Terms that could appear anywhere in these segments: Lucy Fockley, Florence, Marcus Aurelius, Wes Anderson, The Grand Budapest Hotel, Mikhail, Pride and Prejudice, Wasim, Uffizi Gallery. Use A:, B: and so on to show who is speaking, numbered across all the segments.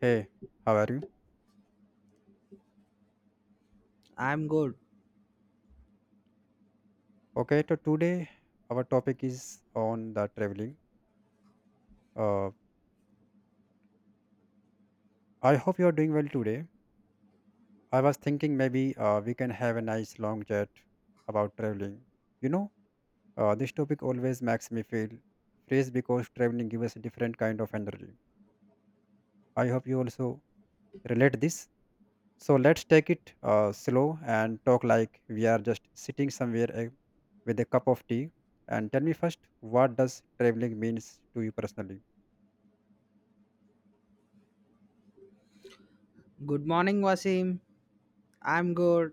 A: Hey, how are you?
B: I'm good.
A: Okay, so today our topic is on the traveling. Uh, I hope you are doing well today. I was thinking maybe we can have a nice long chat about traveling. You know, this topic always makes me feel fresh because traveling gives us a different kind of energy. I hope you also relate this. So let's take it slow and talk like we are just sitting somewhere with a cup of tea. And tell me first, what does traveling means to you personally?
B: Good morning, Wasim. I'm good.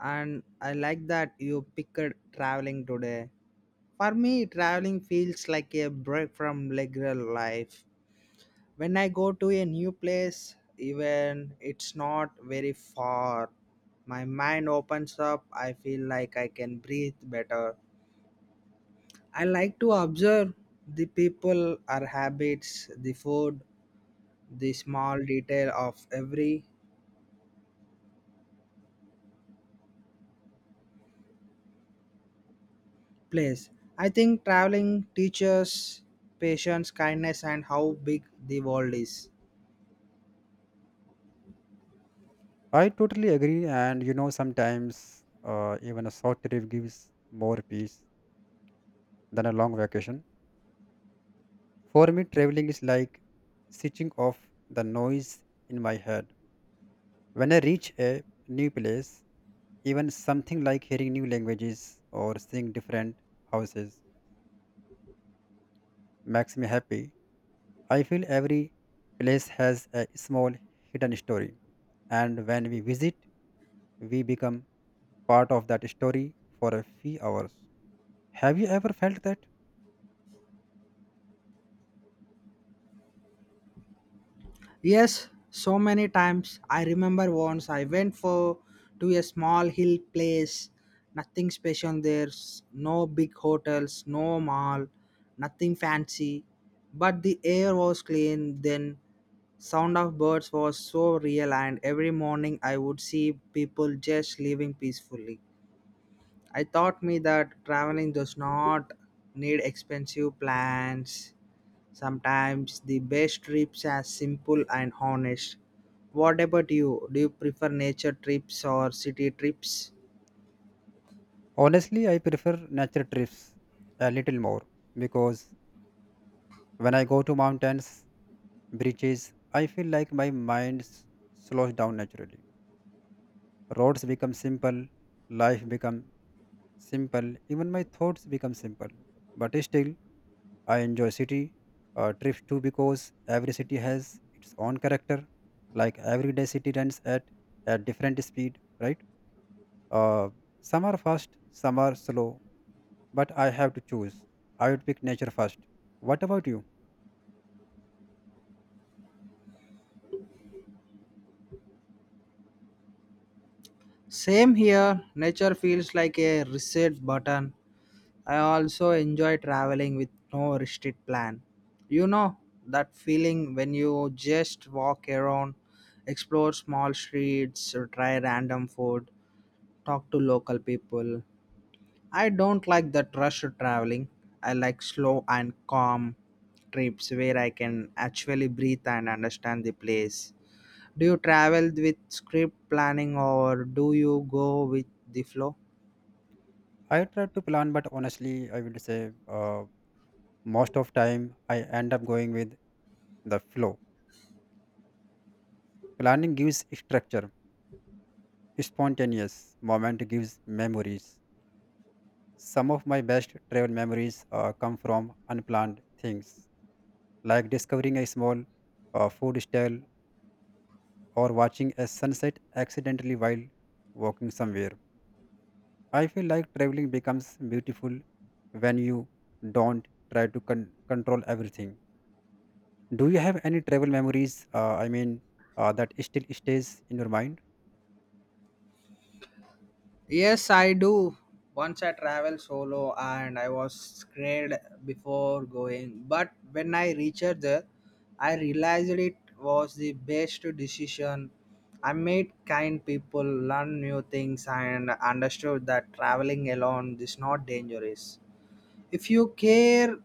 B: And I like that you picked traveling today. For me, traveling feels like a break from regular life. When I go to a new place, even it's not very far, my mind opens up. I feel like I can breathe better. I like to observe the people, our habits, the food, the small detail of every place. I think traveling teaches patience, kindness, and how big the world is.
A: I totally agree. And you know, sometimes even a short trip gives more peace than a long vacation. For me, traveling is like switching off the noise in my head. When I reach a new place, even something like hearing new languages or seeing different houses makes me happy. I feel every place has a small hidden story. And when we visit, we become part of that story for a few hours. Have you ever felt that?
B: Yes, so many times. I remember once I went for to a small hill place. Nothing special, there's no big hotels, no mall, nothing fancy. But the air was clean, then sound of birds was so real, and every morning I would see people just living peacefully. I taught me that traveling does not need expensive plans. Sometimes the best trips are simple and honest. What about you? Do you prefer nature trips or city trips?
A: Honestly, I prefer nature trips a little more because when I go to mountains, beaches, I feel like my slows down naturally. Roads become simple, life become simple, even my thoughts become simple. But still, I enjoy city trips too because every city has its own character. Like everyday city runs at a different speed, right? Uh, some are fast, some are slow, but I have to choose. I would pick nature first. What about you?
B: Same here. Nature feels like a reset button. I also enjoy traveling with no restrict plan. You know that feeling when you just walk around, explore small streets, or try random food, talk to local people. I don't like that rush traveling. I like slow and calm trips where I can actually breathe and understand the place. Do you travel with script planning or do you go with the flow?
A: I try to plan, but honestly, I would say most of time I end up going with the flow. Planning gives structure. Spontaneous moment gives memories. Some of my best travel memories come from unplanned things, like discovering a small food stall or watching a sunset accidentally while walking somewhere. I feel like traveling becomes beautiful when you don't try to control everything. Do you have any travel memories? I mean, that still stays in your mind.
B: Yes, I do. Once I traveled solo and I was scared before going, but when I reached there, I realized it was the best decision. I met kind people, learned new things, and understood that traveling alone is not dangerous. If you care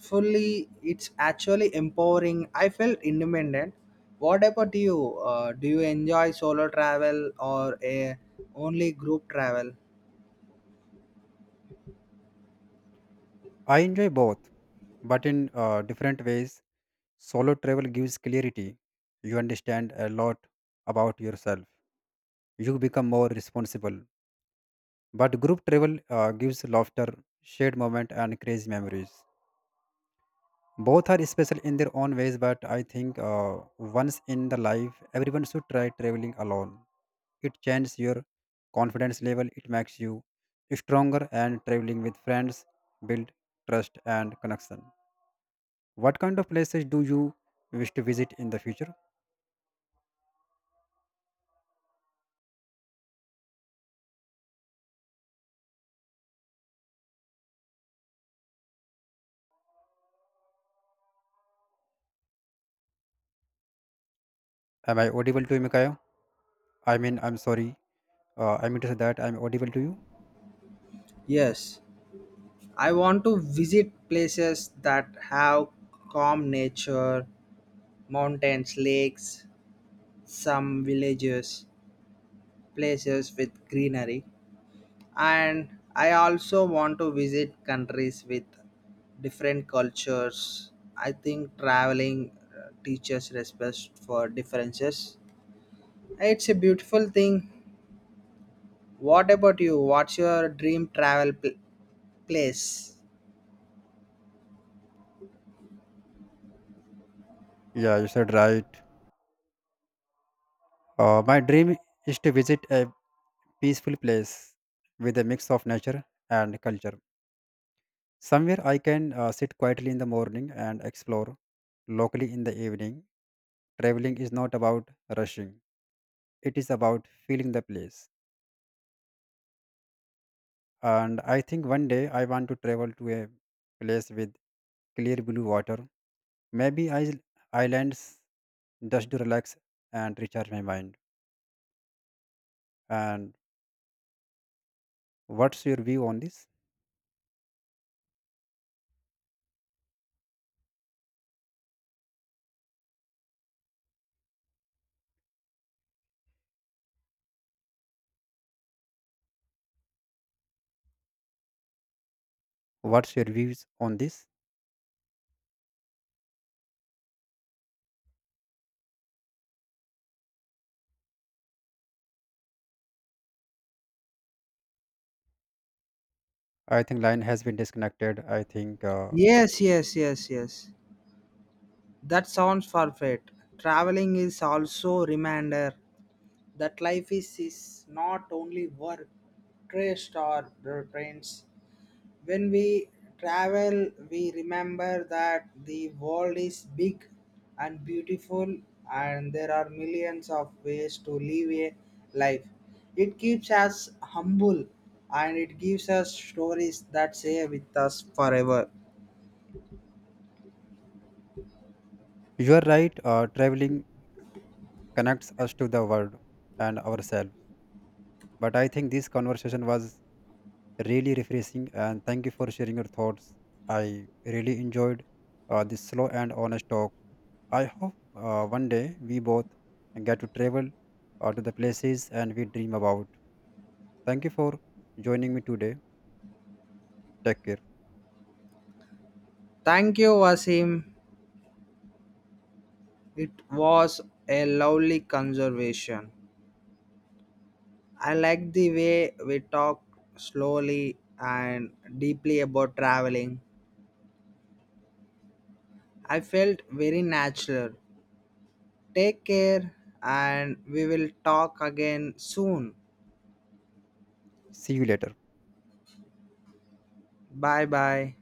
B: fully, it's actually empowering. I felt independent. What about you? Do you enjoy solo travel or a only group travel?
A: I enjoy both, but in different ways. Solo travel gives clarity. You understand a lot about yourself. You become more responsible. But group travel gives laughter, shared moment, and crazy memories. Both are special in their own ways, but I think once in the life everyone should try traveling alone. It changes your confidence level, it makes you stronger, and traveling with friends build trust and connection. What kind of places do you wish to visit in the future? Am I audible to you, Mikhail? I mean, I'm sorry. I mean to say that I'm audible to you.
B: Yes, I want to visit places that have calm nature, mountains, lakes, some villages, places with greenery. And I also want to visit countries with different cultures. I think traveling teaches respect for differences. It's a beautiful thing. What about you? What's your dream place?
A: Yeah, you said right. My dream is to visit a peaceful place with a mix of nature and culture. Somewhere I can sit quietly in the morning and explore locally in the evening. Traveling is not about rushing, it is about feeling the place. And I think one day I want to travel to a place with clear blue water, maybe islands, just to relax and recharge my mind. And what's your view on this? What's your views on this? I think line has been disconnected. I think
B: Yes, yes, yes, yes. That sounds perfect. Traveling is also reminder that life is not only work, trust or friends. When we travel, we remember that the world is big and beautiful and there are millions of ways to live a life. It keeps us humble and it gives us stories that stay with us forever.
A: you are right. Traveling connects us to the world and ourselves. But I think this conversation was really refreshing, and thank you for sharing your thoughts. I really enjoyed this slow and honest talk. I hope one day we both get to travel to the places and we dream about. Thank you for joining me today. Take care.
B: Thank you, Wasim. It was a lovely conservation. I liked the way we talked slowly and deeply about traveling. I felt very natural. Take care, and we will talk again soon.
A: See you later.
B: Bye bye.